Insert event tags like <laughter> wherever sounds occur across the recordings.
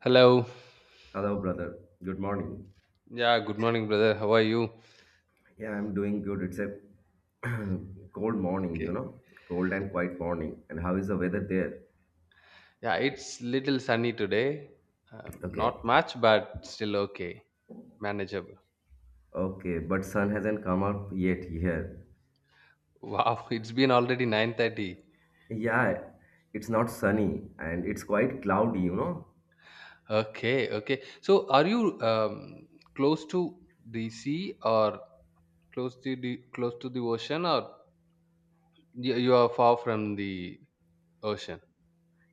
Hello. Hello, brother. Good morning. Yeah, good morning, brother. How are you? Yeah, I'm doing good. It's a <clears throat> cold morning, Okay. you know, cold and quiet morning. And how is the weather there? Yeah, it's little sunny today. Not Okay. much, but still okay, manageable. Okay, but sun hasn't come up yet here. Wow, <laughs> it's been already 9:30. Yeah, it's not sunny and it's quite cloudy, you know. Okay, okay. So, are you close to the sea or close to the ocean, or you are far from the ocean?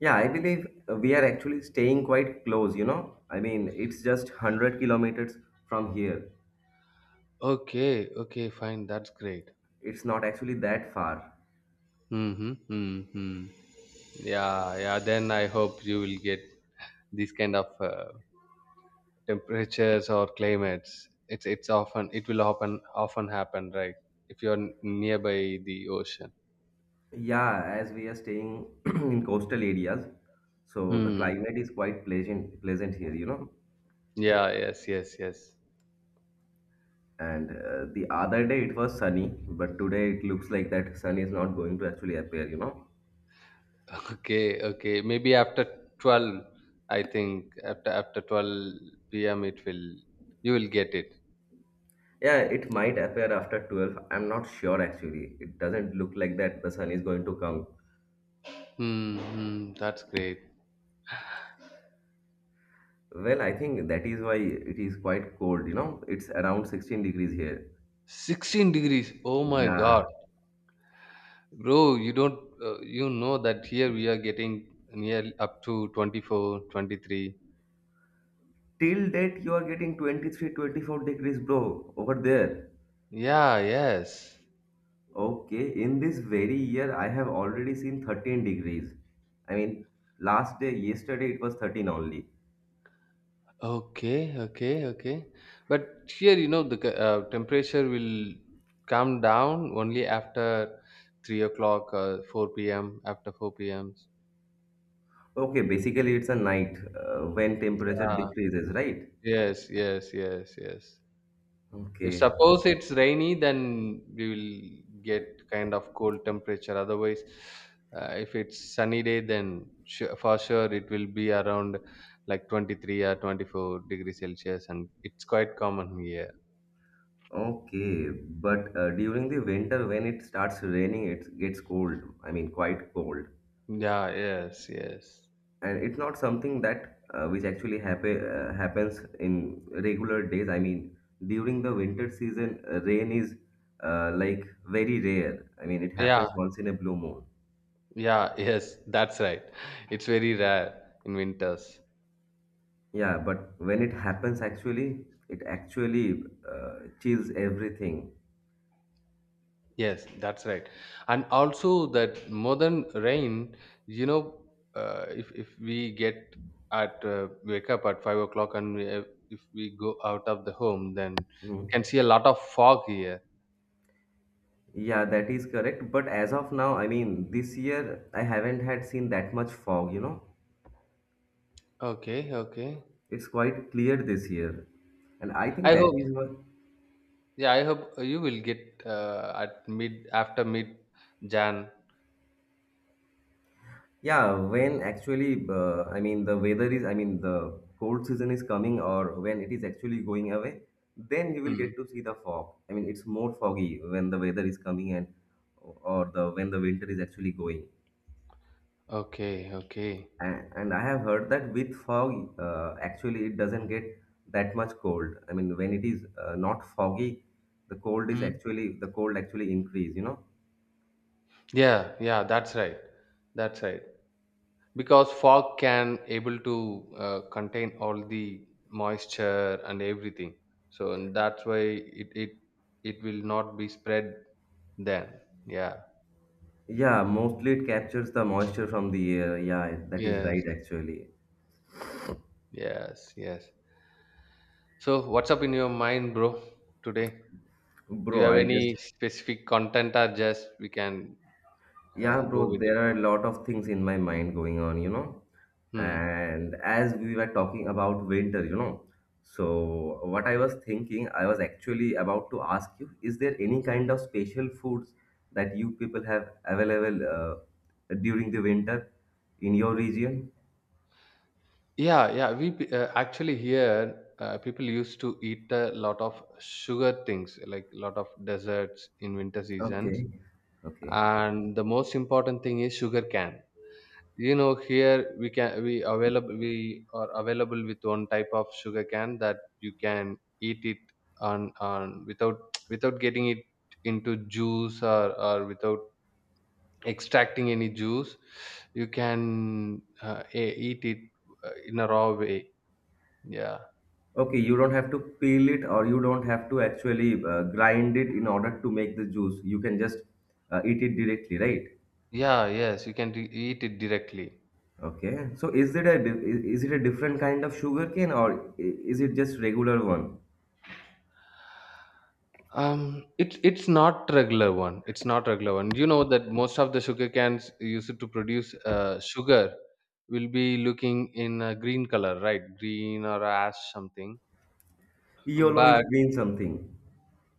Yeah, I believe we are actually staying quite close, you know. I mean, it's just 100 kilometers from here. Okay, okay, fine. That's great. It's not actually that far. Mm-hmm, mm-hmm. Yeah, yeah. Then I hope you will get these kind of temperatures or climates. It's often it will often happen, right, if you're nearby the ocean. Yeah, as we are staying <clears throat> in coastal areas, so the Hmm, climate is quite pleasant, pleasant here, you know. yeah, yes, yes, yes. And the other day it was sunny, but today it looks like that sun is not going to actually appear, you know. <laughs> Okay, okay, maybe after 12, I think after 12 p.m. it will you will get it. Yeah, it might appear after 12. I'm not sure actually. It doesn't look like that the sun is going to come. Hmm, hmm, that's great. Well, I think that is why it is quite cold, you know. It's around 16 degrees here. 16 degrees, oh my Yeah. god, bro, you don't you know that here we are getting near up to 24, 23. Till date you are getting 23, 24 degrees, bro, over there. Yeah, yes. Okay, in this very year, I have already seen 13 degrees. I mean, last day, yesterday, it was 13 only. Okay, okay, okay. But here, you know, the temperature will come down only after 3 o'clock, 4 p.m., Okay, basically, it's a night when temperature Yeah. decreases, right? Yes, yes, yes, yes. If Okay, suppose it's rainy, then we will get kind of cold temperature. Otherwise, if it's sunny day, then su for sure it will be around like 23 or 24 degrees Celsius, and it's quite common here. okay. But during the winter, when it starts raining, it gets cold. I mean, quite cold. Yeah, yes, yes. And it's not something that which actually happen happens in regular days. I mean, during the winter season, rain is like very rare. I mean, it Yeah, happens once in a blue moon. yeah, <laughs> yes, that's right. It's very rare in winters. Yeah, but when it happens, actually it actually uh, chills everything. Yes, that's right. And also that modern rain, you know, if we get at wake up at 5 o'clock, and if we go out of the home, then we can Mhm. see a lot of fog here. Yeah, that is correct, but as of now, I mean this year, I haven't had seen that much fog, you know. Okay, okay. It's quite clear this year, and I think I that hope, is what. yeah, I hope you will get at mid after mid Jan. Yeah, when actually, I mean, the weather is, I mean, the cold season is coming or when it is actually going away, then you will Hmm. get to see the fog. I mean, it's more foggy when the weather is coming and or the when the winter is actually going. Okay, okay. And I have heard that with fog, actually, it doesn't get that much cold. I mean, when it is not foggy, the cold actually increase, you know? Yeah, yeah, that's right. That's right. Because fog can able to contain all the moisture and everything. So and that's why it it it will not be spread then. Yeah. Yeah, mostly it captures the moisture from the air. Yeah, that is Yes. right, actually. Yes. Yes. So what's up in your mind, bro, today? Do you Bro, have I just, any specific content, or just we can yeah, go bro, with the there are flow? a lot of things in my mind going on, you know. Hmm. And as we were talking about winter, you know, so what I was thinking, I was actually about to ask you, is there any kind of special foods that you people have available during the winter in your region? Yeah, yeah. Actually here people used to eat a lot of sugar things, like a lot of desserts in winter seasons. Okay, okay. And the most important thing is sugar cane. You know, here we are available with one type of sugar cane that you can eat it on without <tsk> without getting it into juice or without extracting any juice. You can eat it in a raw way. Yeah. Okay, you don't have to peel it or you don't have to actually grind it in order to make the juice. You can just eat it directly, right? Yeah, yes, you can eat it directly. Okay. So is it a is it a different kind of sugarcane or is it just regular one? It's not regular one. It's not regular one. You know that most of the sugar cans used to produce sugar will be looking in a green color, right? Green or ash something. Yellowish But green something.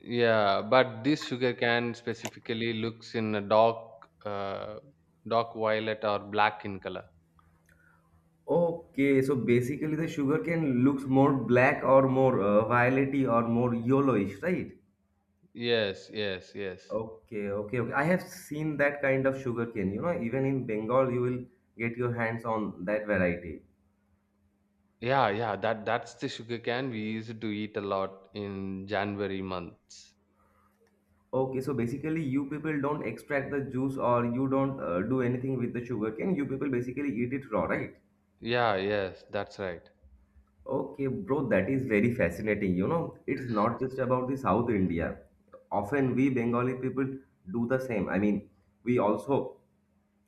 yeah, but this sugar can specifically looks in a dark, uh, dark violet or black in color. Okay. So basically the sugarcane looks more black or more violety or more yellowish, right? Yes, yes, yes. Okay, okay, okay. I have seen that kind of sugarcane. You know, even in Bengal, you will get your hands on that variety. Yeah, yeah. That's the sugar can we used to eat a lot in January months. Okay, so basically, you people don't extract the juice or you don't do anything with the sugarcane. You people basically eat it raw, right? Yeah, yes, that's right. Okay, bro, that is very fascinating. You know, it's not just about the South India. Often we Bengali people do the same. I mean, we also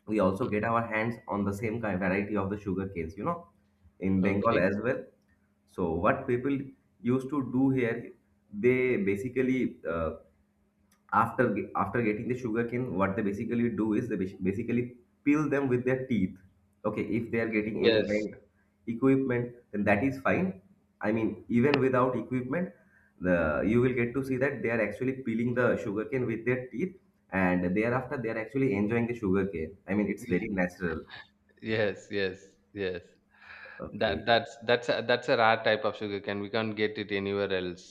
we also Mm. get our hands on the same kind variety of the sugar canes, you know, in Bengal Okay. as well. So what people used to do here, they basically after getting the sugarcane, what they basically do is they basically peel them with their teeth. Okay, if they are getting any Yes. kind equipment, then that is fine. I mean, even without equipment, the you will get to see that they are actually peeling the sugarcane with their teeth, and thereafter they are actually enjoying the sugarcane. I mean, it's <laughs> Ye- very natural. Yes, yes, yes. That Okay, that's that's a, that's a rare type of sugar cane. We can't get it anywhere else.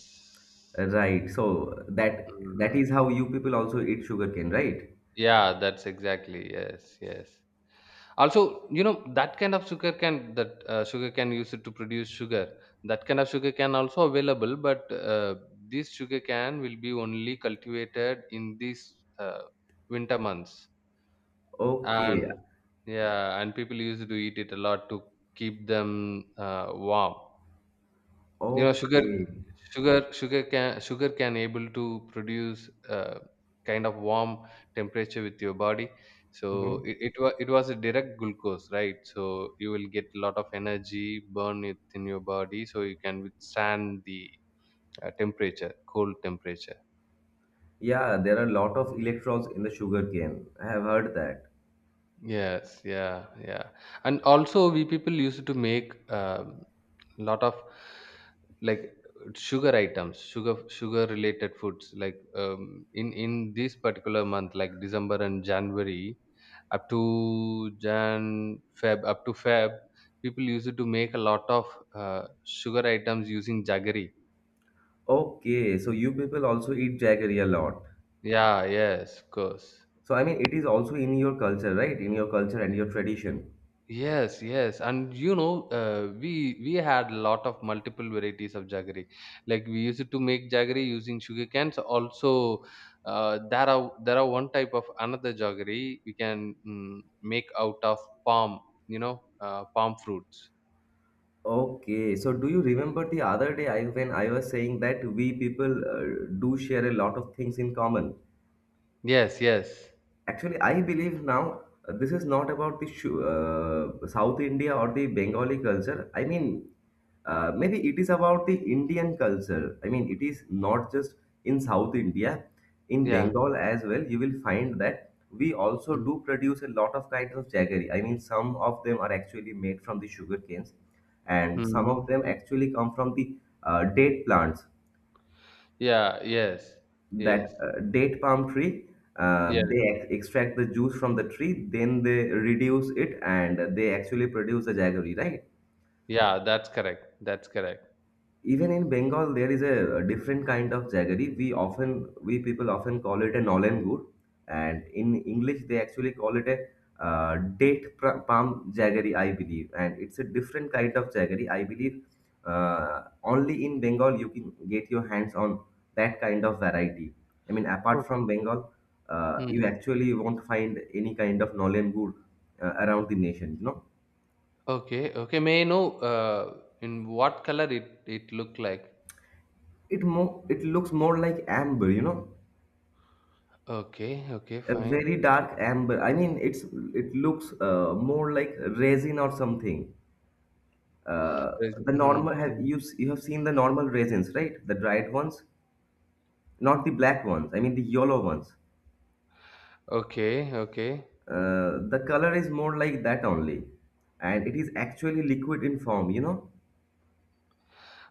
right. So that that Mm. is how you people also eat sugarcane, right? Yeah, that's exactly. Yes, yes. Also, that kind of sugar cane, that sugar cane used to produce sugar, that kind of sugar cane also available, but this sugar cane will be only cultivated in these winter months. Okay, And yeah, and people used to eat it a lot to keep them warm. You know, sugar, okay. sugar, sugar can sugar can able to produce kind of warm temperature with your body. So Mhm. It was a direct glucose, right? So you will get a lot of energy burn it in your body, so you can withstand the temperature, cold temperature. Yeah, there are a lot of electrons in the sugar cane. I have heard that. Yes, yeah, yeah. And also, we people used to make a lot of like sugar items, sugar related foods. Like in this particular month, like December and January, up to Feb, people used to make a lot of sugar items using jaggery. Okay, so you people also eat jaggery a lot. Yeah, yes, of course. So I mean, it is also in your culture, right? In your culture and your tradition. Yes, yes, and we had a lot of multiple varieties of jaggery. Like we used to make jaggery using sugar cans. Also, there are one type of another jaggery we can make out of palm. You know, palm fruits. Okay, so do you remember the other day I, when I was saying that we people do share a lot of things in common? Yes, yes, Actually, I believe now, this is not about the South India or the Bengali culture. I mean, maybe it is about the Indian culture. I mean, it is not just in South India, in yeah, Bengal as well. You will find that we also do produce a lot of kinds of jaggery. I mean, some of them are actually made from the sugar canes, and some mm-hmm. of them actually come from the date plants, Yeah, yes, that yes, date palm tree. yes, Extract the juice from the tree, then they reduce it and they actually produce the jaggery, right? yeah. That's correct. That's correct. Even in Bengal, there is a different kind of jaggery. We often, we people often call it a nolen gur, and in English they actually call it a palm jaggery, I believe. And it's a different kind of jaggery, I believe. Only in Bengal you can get your hands on that kind of variety. I mean, apart Okay. from Bengal, you Mm. actually won't find any kind of nolen gur around the nation. You know, Okay, okay. May I know in what color it looked like? It looks more like amber. You know, Okay, okay, a fine. very dark amber. I mean, it looks more like resin or something. Uh, There's, the mm, normal Have mm. you you have seen the normal resins, right? The dried ones, not the black ones. I mean the yellow ones. Okay, okay, The color is more like that only, and it is actually liquid in form, you know.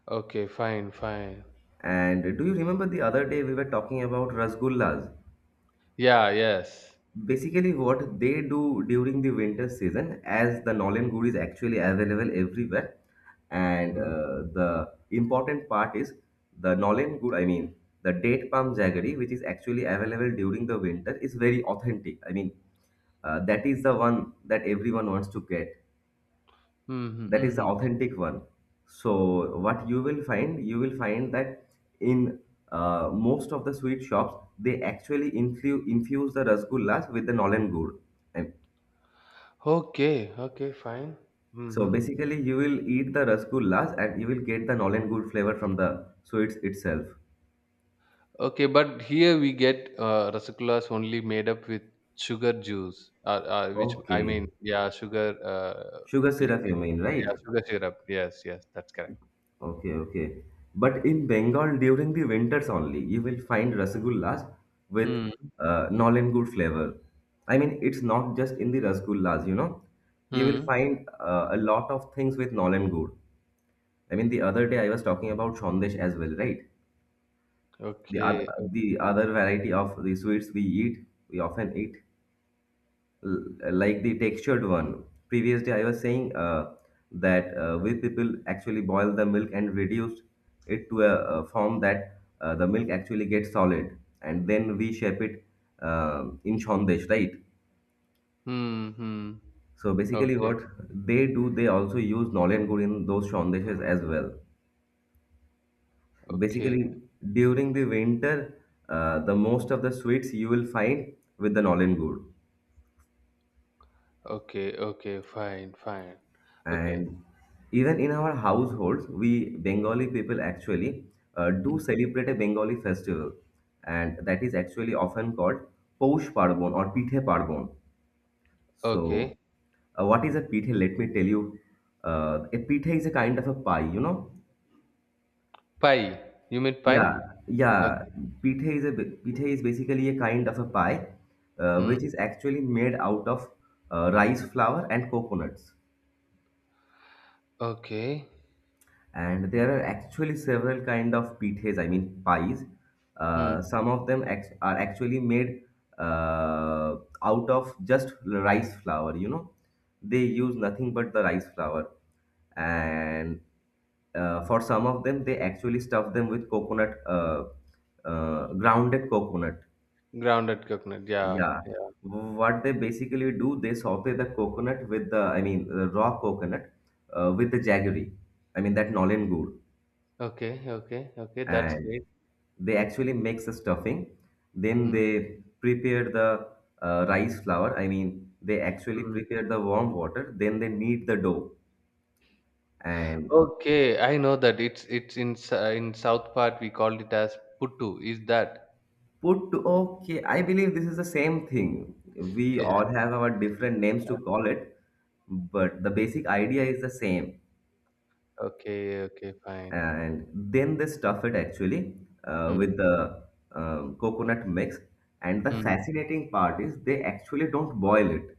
okay, fine, fine. And do you remember the other day we were talking about rasgullas? Yeah, yes. Basically, what they do during the winter season, as the Nolen Good is actually available everywhere, and Mm, the important part is the Nolen Good, I mean, the date palm jaggery, which is actually available during the winter, is very authentic. I mean, that is the one that everyone wants to get. mhm, That is the mhm. authentic one. So what you will find that in most of the sweet shops, they actually infuse the rasgullas with the nolen gur. And Okay, okay, fine. so Hmm. basically you will eat the rasgullas and you will get the nolen gur flavor from the sweets itself. Okay, but here we get rasgullas only made up with sugar juice, which I Okay, mean, yeah, sugar, sugar syrup, you liquid, mean, yeah, right. sugar syrup. Yes, yes, that's correct. Okay, okay. But in Bengal, during the winters only, you will find rasgullas with Hmm. Nolen good flavor. I mean, it's not just in the rasgullas, you know. You will Hmm. find a lot of things with nolen good. I mean, the other day I was talking about sandesh as well, right? The other, Okay. Okay. the other variety of the sweets we eat, we often eat like the textured one. Previously, I was saying that we people actually boil the milk and reduce it to a form that the milk actually gets solid, and then we shape it in shondesh, right? Hmm. Hmm. So basically, Okay. what they do, they also use nolyan good in those shondeshes as well. Okay. Basically, during the winter, the most of the sweets you will find with the nolyan good. Okay, okay, fine, fine. Okay. And even in our households, we Bengali people actually do Hmm. celebrate a Bengali festival, and that is actually often called Poush Parbon or Pithe Parbon. Okay. So, what is a pithe? Let me tell you. A pithe is a kind of a pie, you know. Pie. You mean Yeah, pie? yeah. Okay. Pithe is a pithe is basically a kind of a pie, which Hmm. is actually made out of rice flour and coconuts. Okay. And there are actually several kind of pithes, pies. Hmm. Some of them are actually made uh, out of just rice flour. They use nothing but the rice flour. And for some of them, they actually stuff them with coconut, grounded coconut. Grounded coconut. Yeah. Yeah, Yeah. what they basically do, they saute the coconut with the, raw coconut, with the jaggery, I mean that nolen gur. Okay, okay, okay. That's And great. they actually makes the stuffing. Then Hmm. they prepare the rice flour. I mean, they actually Hmm. prepare the warm water, then they knead the dough. And Okay, I know that it's in in South part we called it as puttu. Is that? put to, okay, I believe this is the same thing. We Yeah. all have our different names to call it, but the basic idea is the same. Okay, okay, fine. And then they stuff it actually Hmm. with the coconut mix. And the Hmm. fascinating part is, they actually don't boil it.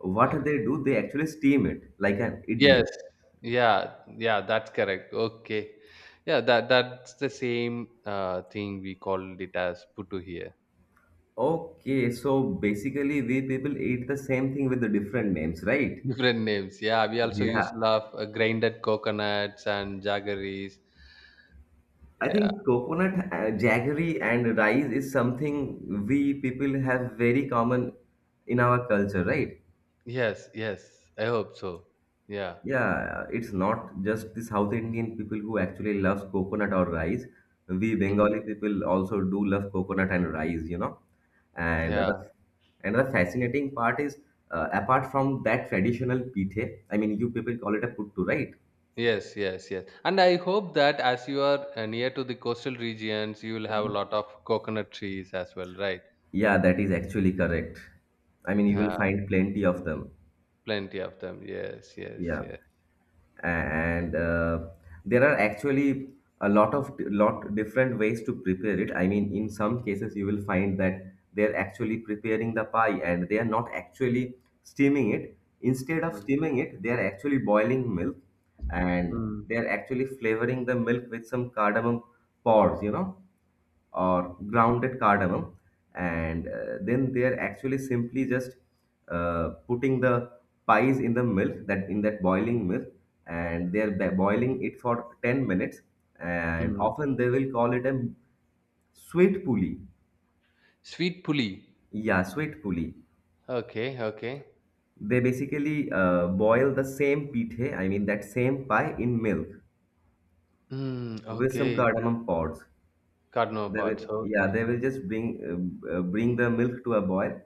What they do, they actually steam it like an Yes. idli. Yeah. Yeah. That's correct. Okay. Yeah. That's the same thing we called it as putu here. Okay, so basically, we people eat the same thing with the different names, right? Different <laughs> names. Yeah. We also used Yeah, to love grinded coconuts and jaggeries. I Yeah. think coconut, jaggery and rice is something we people have very common in our culture, right? Yes. Yes. I hope so. Yeah. Yeah, it's not just the South Indian people who actually loves coconut or rice. We Mm. Bengali people also do love coconut and rice, you know. And the Yeah. and the fascinating part is, apart from that traditional pithe, I mean, you people call it a puttu, right? Yes. Yes. Yes. And I hope that as you are near to the coastal regions, you will have a lot of coconut trees as well, right? Yeah, that is actually correct. I mean, you will Uh, find plenty of them. Plenty of them. Yes. Yes. Yeah. Yes. And there are actually a lot of lot different ways to prepare it. I mean, in some cases you will find that they're actually preparing the pie, and they are not actually steaming it. Instead of Mm. steaming it, they are actually boiling milk, and Mm. they are actually flavoring the milk with some cardamom pods, or grounded cardamom. And then they are actually simply just putting the pies in the milk, that in that boiling milk, and they are boiling it for 10 minutes. And Hmm. often they will call it a sweet puli. Sweet puli. Yeah, sweet puli. Okay, okay. They basically boil the same pithe, I mean that same pie, in milk Mm, with some okay. cardamom pods. Cardinal They will, parts. yeah, Okay. they will just bring bring the milk to a boil,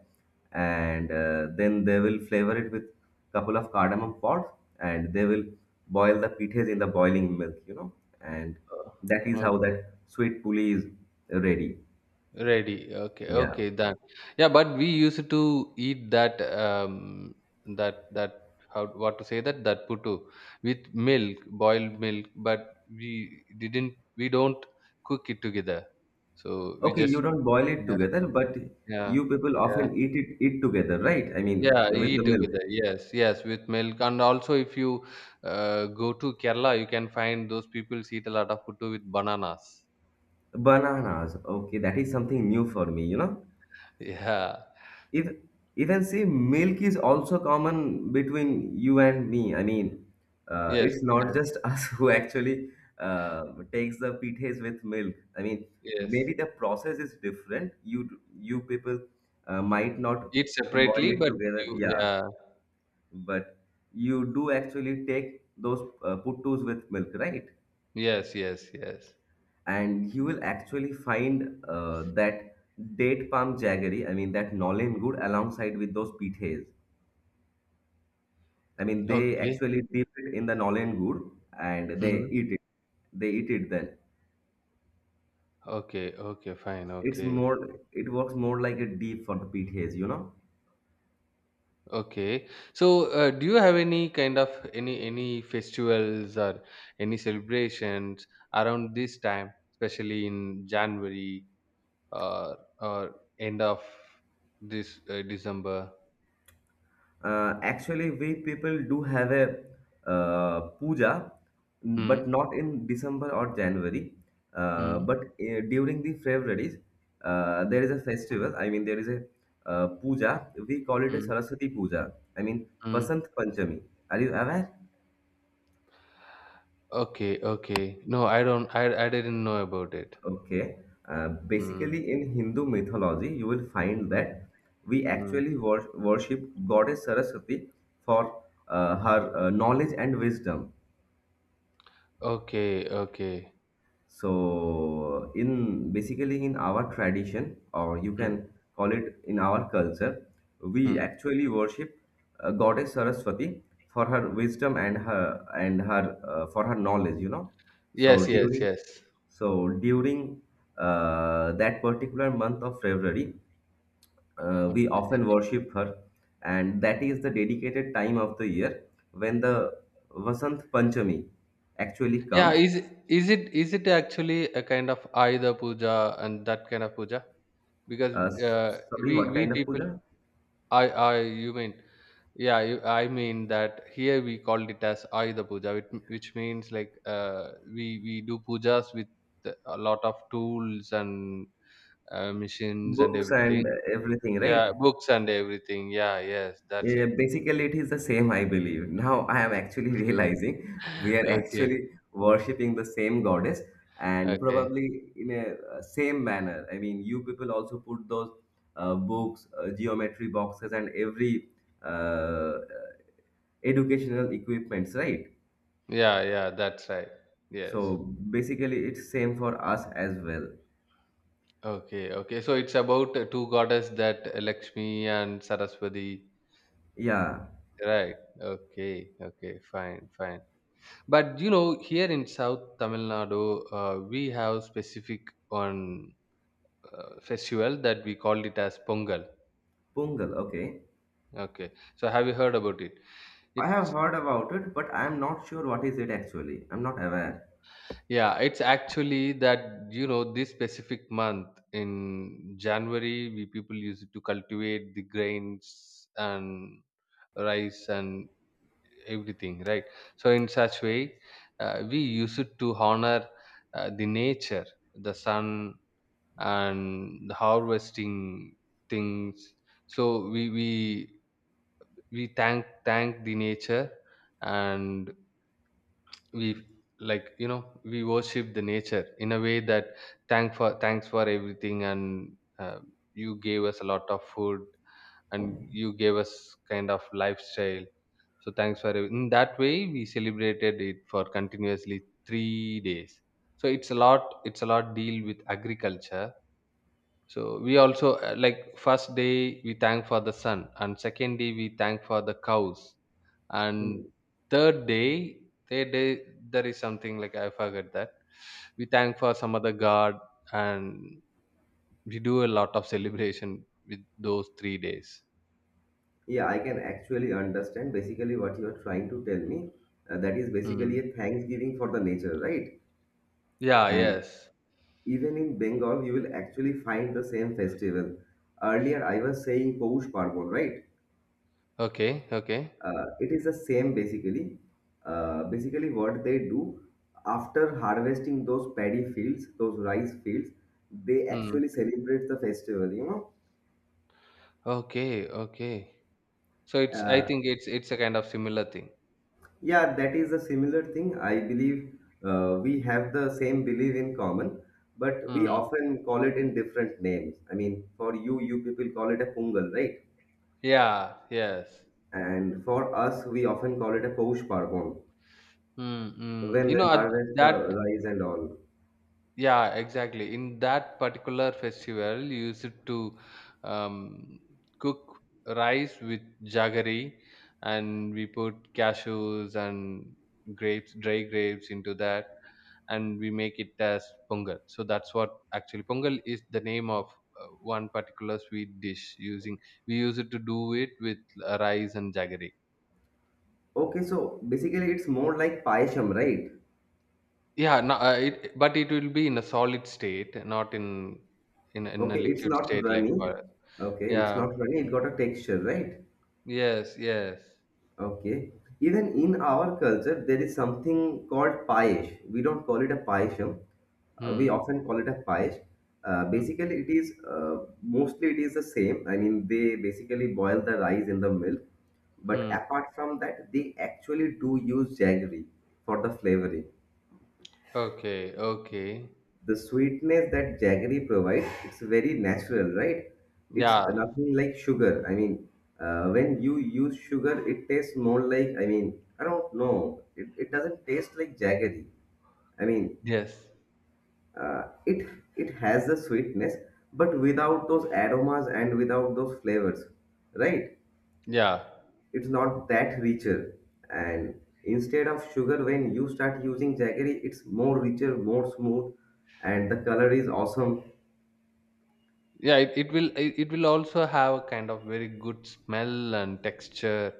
and then they will flavor it with couple of cardamom pods, and they will boil the pithes in the boiling milk, you know, and Okay. that is how Okay. that sweet puli is ready. Ready. Okay, Yeah. okay, done. Yeah, but we used to eat that that that how what to say, that putu with milk, boiled milk, but we don't cook it together. So we Okay, you just, don't boil it yeah, together, but yeah, you people yeah. often eat it together, right? I mean, Yeah, with eat the milk. together. Yes, yes, with milk. And also, if you go to Kerala, you can find those people eat a lot of puttu with bananas. Bananas. Okay, that is something new for me, you know. <laughs> Yeah. If even see, milk is also common between you and me. I mean, Yes, it's not yes, just <laughs> us who actually uh, takes the pites with milk. I mean, yes. maybe the process is different. You people might not Eat separately, boil it but together, you, yeah, yeah. but you do actually take those puttus with milk, right? Yes, yes, yes. And you will actually find that date palm jaggery, I mean that nolin good alongside with those pites. I mean, they Okay. actually dip it in the nolen gur and they Hmm. eat it. They eat it then. Okay, okay, fine. It's Okay. more, it works more like a dip for the PTAs, you know. Okay. So, do you have any kind of any festivals or any celebrations around this time, especially in January or end of this December. Actually, we people do have a puja, Hmm. but not in December or January. Hmm. But during the February's, Hmm. there is a festival. I mean, there is a puja. We call it a Hmm. Saraswati puja. I mean, Hmm. Vasant Panchami. Are you aware? Okay. Okay. No, I don't. I didn't know about it. Okay. Hmm. Basically, in Hindu mythology, you will find Hmm. that we Hmm. actually worship goddess Saraswati for her knowledge and wisdom. Okay. Okay. So, in basically in our tradition, or you Hmm. can call it in our culture, we Hmm. actually worship goddess Saraswati for her wisdom and her for her knowledge. You know, so Yes. Yes. during Yes. so during that particular month of February, we Okay. often worship her, and that is the dedicated time of the year when the Vasant Panchami actually Yeah. comes. Is it actually a kind of Ayuda puja and that kind of puja? Because Uh, s- Sorry, we what we kind of people, puja? You mean, yeah, I mean that here we called it as Ayuda Puja, which means like we do pujas with a lot of tools and machines and Books and everything. everything, right? Yeah, books and everything. Yeah, yes, that's Yeah, it. basically, it is the same, I believe. <laughs> Now I am actually <laughs> realizing we <laughs> are Okay, actually worshipping the same goddess, and okay. probably in a same manner. I mean, you people also put those books, geometry boxes, and every uh, educational equipments, right? Yeah, yeah, that's right. Yes. So basically it's same for us as well. Okay, okay. So it's about two goddess, that Lakshmi and Saraswati, Yeah, right? Okay, okay, fine, fine. But you know, here in South Tamil Nadu, we have specific on festival that we called it as Pongal. pungal, okay. Okay, so have you heard about it? I have It's heard about it, but I'm not sure what is it actually. I'm not aware. Yeah, it's actually that, this specific month in January, we people use it to cultivate the grains and rice and everything, right? So in such way, we use it to honor the nature, the sun, and the harvesting things. So we thank the nature. And we, like, we worship the nature in a way that, thanks for everything. And uh, you gave us a lot of food, and you gave us kind of lifestyle, so in that way we celebrated it for continuously 3 days. So it's a lot deal with agriculture. So we also, like, first day we thank for the sun, and second day we thank for the cows, Hmm. and third day third day there is something like, I forget that, we thank for some other god. And we do a lot of celebration with those 3 days. Yeah, I can actually understand basically what you are trying to tell me. That is basically Hmm, a thanksgiving for the nature, right? yeah, And yes, even in Bengal, you will actually find the same festival. Earlier I was saying Poush parvon, right? okay, okay. It is the same basically. Basically, what they do, after harvesting those paddy fields, those rice fields, they Hmm, actually celebrate the festival. You know, okay, okay, so it's I uh, think it's a kind of similar thing. yeah, that is a similar thing. I believe we have the same belief in common, but we Hmm, often call it in different names. I mean, for you, you people call it a pungal, right? yeah, yes. And for us, we often call it a Poush Parvan Mm-hmm. when You know, they at harvest the that. rice and all. Yeah, exactly. In that particular festival, you used to um, cook rice with jaggery, and we put cashews and grapes, dry grapes into that, and we make it as pongal. So that's what actually pongal is, the name of one particular sweet dish. Using We use it to do it with rice and jaggery. Okay, so basically it's more like payasham, right? Yeah, no, but it will be in a solid state, not in in a Okay, it's liquid not state like. runny. Okay, it's Yeah. not runny. Mm. It got a texture, right? Yes, yes. Okay. Even in our culture, there is something called payesh. We don't call it a payasham. We Hmm. often call it a payesh. Hmm. Basically, it is mostly it is the same. I mean, they basically boil the rice in the milk, but Hmm. apart from that, they actually do use jaggery for the flavoring. Okay, okay. The sweetness that jaggery provides, it's very natural, right? It's Yeah. nothing like sugar. I mean, when you use sugar, it tastes more like, I mean, I don't know it, it doesn't taste like jaggery. I mean, Yes. It, it has the sweetness, but without those aromas and without those flavors, right? Yeah. It's not that richer. And instead of sugar, when you start using jaggery, it's more richer, more smooth, and the color is awesome. Yeah, it will it will also have a kind of very good smell and texture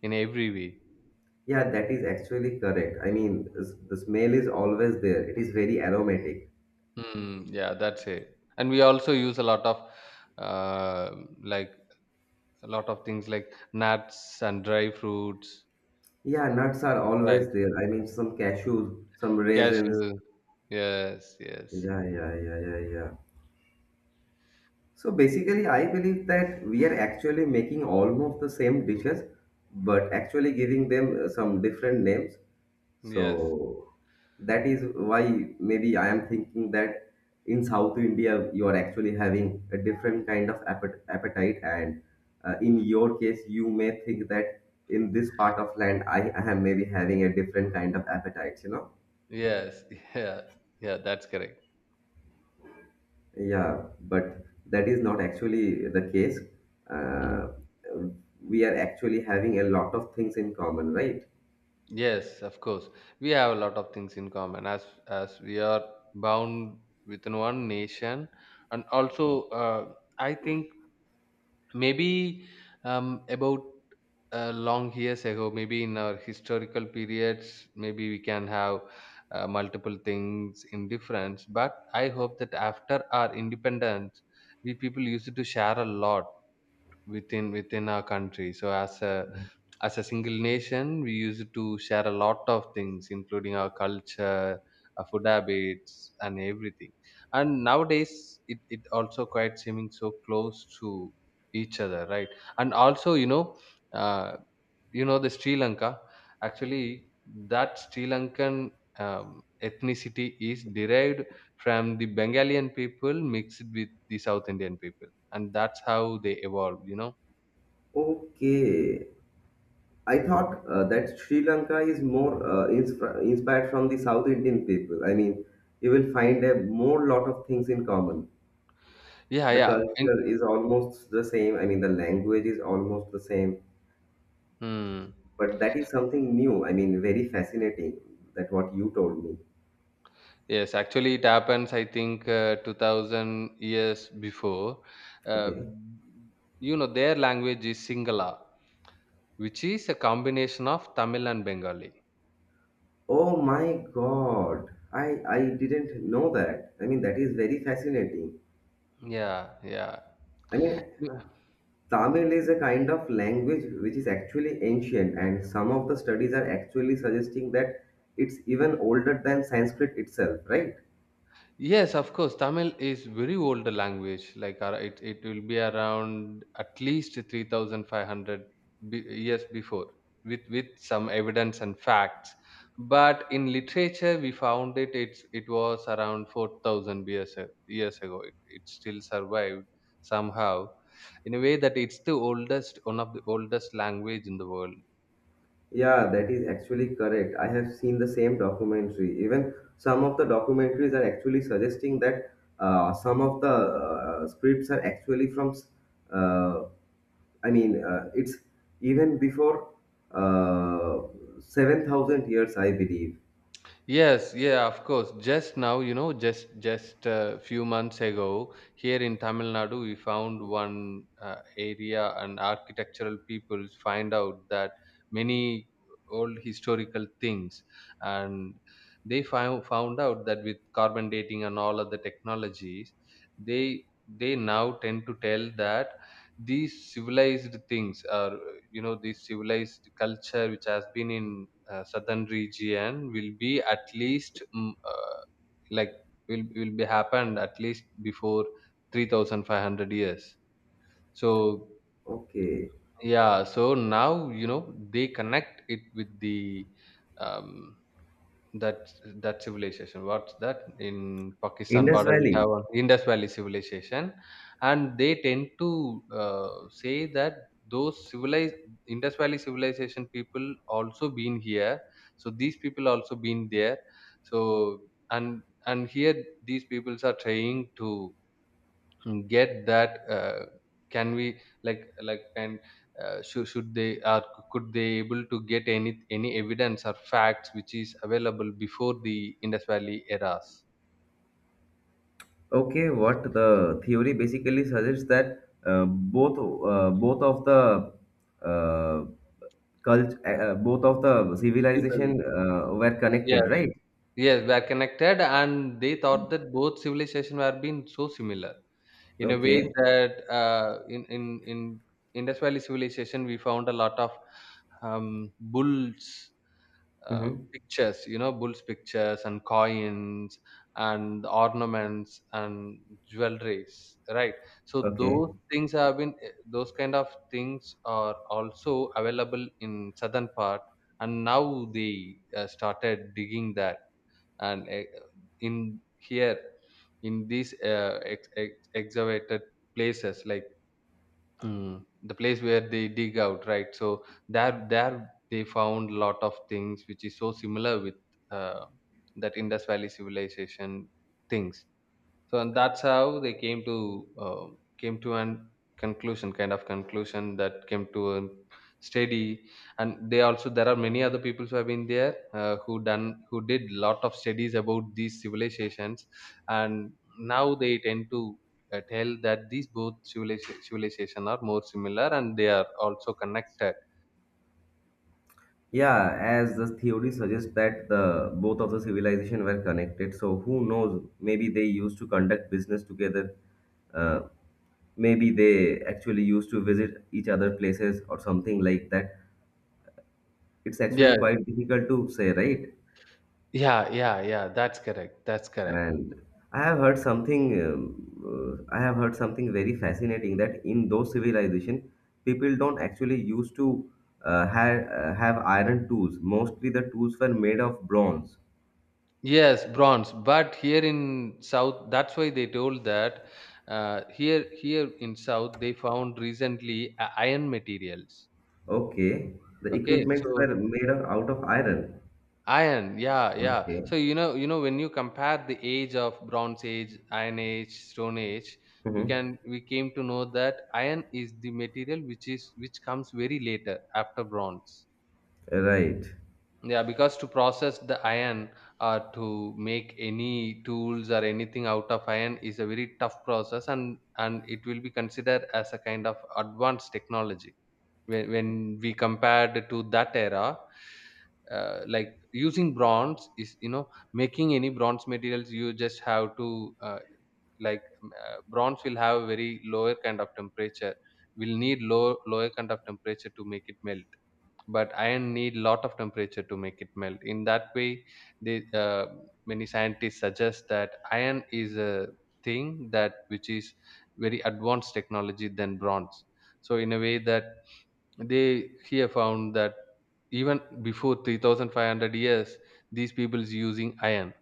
in every way. Yeah, that is actually correct. I mean, the smell is always there. It is very aromatic. Yeah, that's it. And we also use a lot of uh, like a lot of things like nuts and dry fruits, Yeah, nuts are right? always there. I mean, some cashews, some raisins. Cashew. Yes, yes. Yeah, yeah, yeah, yeah, yeah. So basically, I believe that we are actually making almost the same dishes, but actually giving them some different names. Yes. So that is why maybe I am thinking that in South India, you are actually having a different kind of appetite. And in your case, you may think that in this part of land, I am maybe having a different kind of appetite, you know? Yes. <laughs> Yeah. Yeah, that's correct. Yeah, but that is not actually the case. Hmm. Uh, we are actually having a lot of things in common, right? Yes, of course. We have a lot of things in common as we are bound within one nation, and also I think maybe about long years ago, maybe in our historical periods, maybe we can have multiple things in difference. But I hope that after our independence, we people used to share a lot within our country, so as a single nation we used to share a lot of things including our culture, our food habits, and everything. And nowadays it, it also quite seeming so close to each other, right? And also, you know, uh, you know, the Sri Lanka actually, that Sri Lankan um, ethnicity is derived from the Bengalian people mixed with the South Indian people, and that's how they evolved, you know. Okay. I thought that Sri Lanka is more inspired from the South Indian people. I mean, you will find a more lot of things in common. Yeah, The yeah. In, culture is almost the same. I mean, the language is almost the same. Hmm. But that is something new. I mean, very fascinating that what you told me. Yes, actually, it happens, I think, 2000 years before. Uh, Okay. you know, their language is Singala, which is a combination of Tamil and Bengali. Oh my God. I didn't know that. I mean, that is very fascinating. Yeah, I mean, yeah. Tamil is a kind of language which is actually ancient, and some of the studies are actually suggesting that it's even older than Sanskrit itself, right? Yes, of course. Tamil is very old language. It, it will be around at least 3,500 years before, with some evidence and facts. But in literature, we found it. It was around 4,000 years years ago. It still survived somehow, in a way that it's the oldest, one of the oldest language in the world. Yeah, that is actually correct. I have seen the same documentary. Even some of the documentaries are actually suggesting that some of the scripts are actually from uh, it's even before uh, 7,000 years, I believe. Yes, yeah, of course. Just now, you know, just a few months ago, here in Tamil Nadu, we found one area, and architectural people find out that many old historical things, and they found out that with carbon dating and all other technologies, they now tend to tell that these civilized things are, you know, this civilized culture which has been in southern region will be at least like will be happened at least before 3500 years. So Okay. yeah, so now you know they connect it with the um, that that civilization. What's that? In Pakistan Indus border, we have Valley. an Indus Valley civilization, and they tend to say that those civilized Indus Valley civilization people also been here. So these people also been there. So, and here these peoples are trying to get that can we, like and should they, or could they able to get any evidence or facts which is available before the Indus Valley eras. Okay, what the theory basically suggests that both of the uh, both of the People, civilization were yeah, connected, right? yes, were connected, and they thought that both civilizations were being so similar in a way Okay. that uh, in in in Indus Valley civilization we found a lot of bulls, Mm-hmm. pictures, you know, bulls pictures and coins and ornaments and jewelries, right? So Okay. those things have been those kind of things are also available in southern part. And now they started digging that, and in here, in these excavated places, like Mm. the place where they dig out, right? So there they found a lot of things which is so similar with uh, that Indus Valley civilization things. So and that's how they came to uh, came to an conclusion, kind of conclusion, that came to a study. And they also, there are many other people who have been there who done who did lot of studies about these civilizations, and now they tend to tell that these both civilization are more similar, and they are also connected. Yeah, as the theory suggests that the both of the civilization were connected. So who knows? Maybe they used to conduct business together, uh, maybe they actually used to visit each other places or something like that. It's actually Yes, quite difficult to say, right? yeah, yeah, yeah, that's correct, that's correct. And I have heard something, I have heard something very fascinating that in those civilization, people don't actually used to have iron tools. Mostly the tools were made of bronze. Yes, bronze. But here in South, that's why they told that here in South they found recently iron materials. Okay, the Okay, equipments so were made of, out of iron. iron, yeah, yeah. Okay. So you know, when you compare the age of Bronze Age, Iron Age, Stone Age, we Hmm. can we came to know that iron is the material which is which comes very later after bronze. Right. Yeah, because to process the iron or to make any tools or anything out of iron is a very tough process, and it will be considered as a kind of advanced technology. When we compared to that era, like using bronze is, you know, making any bronze materials, you just have to, bronze will have a very lower kind of temperature, will need lower kind of temperature to make it melt, but iron need lot of temperature to make it melt. In that way they, many scientists suggest that iron is a thing that which is very advanced technology than bronze. So in a way that they here found that even before 3500 years these people is using iron.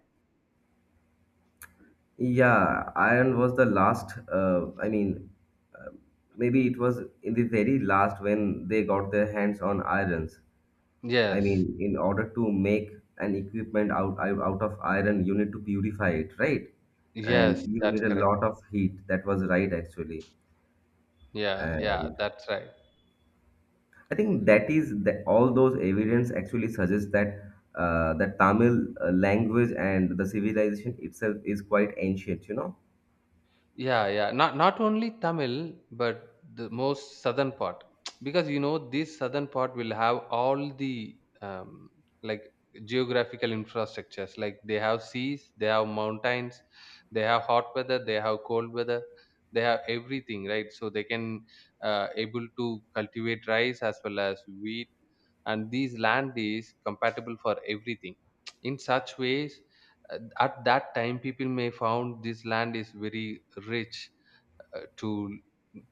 Yeah, iron was the last. I mean, uh, maybe it was in the very last when they got their hands on irons. I Yes, mean, in order to make an equipment out of iron, you need to purify it, right? And yes, you that's need a correct. lot of heat. That was right, actually. Yeah, yeah, And that's right. I think that is that all those evidence actually suggests that the Tamil language and the civilization itself is quite ancient. You know. Yeah, yeah. Not only Tamil, but the most southern part, <tsk> because you know this southern part will have all the like geographical infrastructures. Like they have seas, they have mountains, they have hot weather, they have cold weather, they have everything, right? So they can able to cultivate rice as well as wheat, and these land is compatible for everything in such ways. At that time people may found this land is very rich to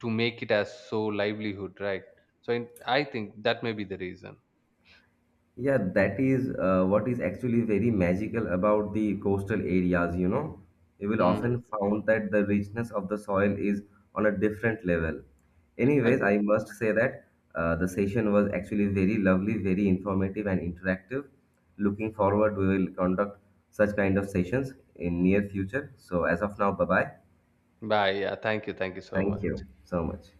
make it as so livelihood, right? So in, I think that may be the reason. Yeah, that is what is actually very magical about the coastal areas, you know. You will Hmm. often find that the richness of the soil is on a different level. Anyways, different I must say that the session was actually very lovely, very informative and interactive. Looking forward, we will conduct such kind of sessions in near future. So as of now, bye-bye. bye, yeah, thank you, thank you so Thank much. you so much.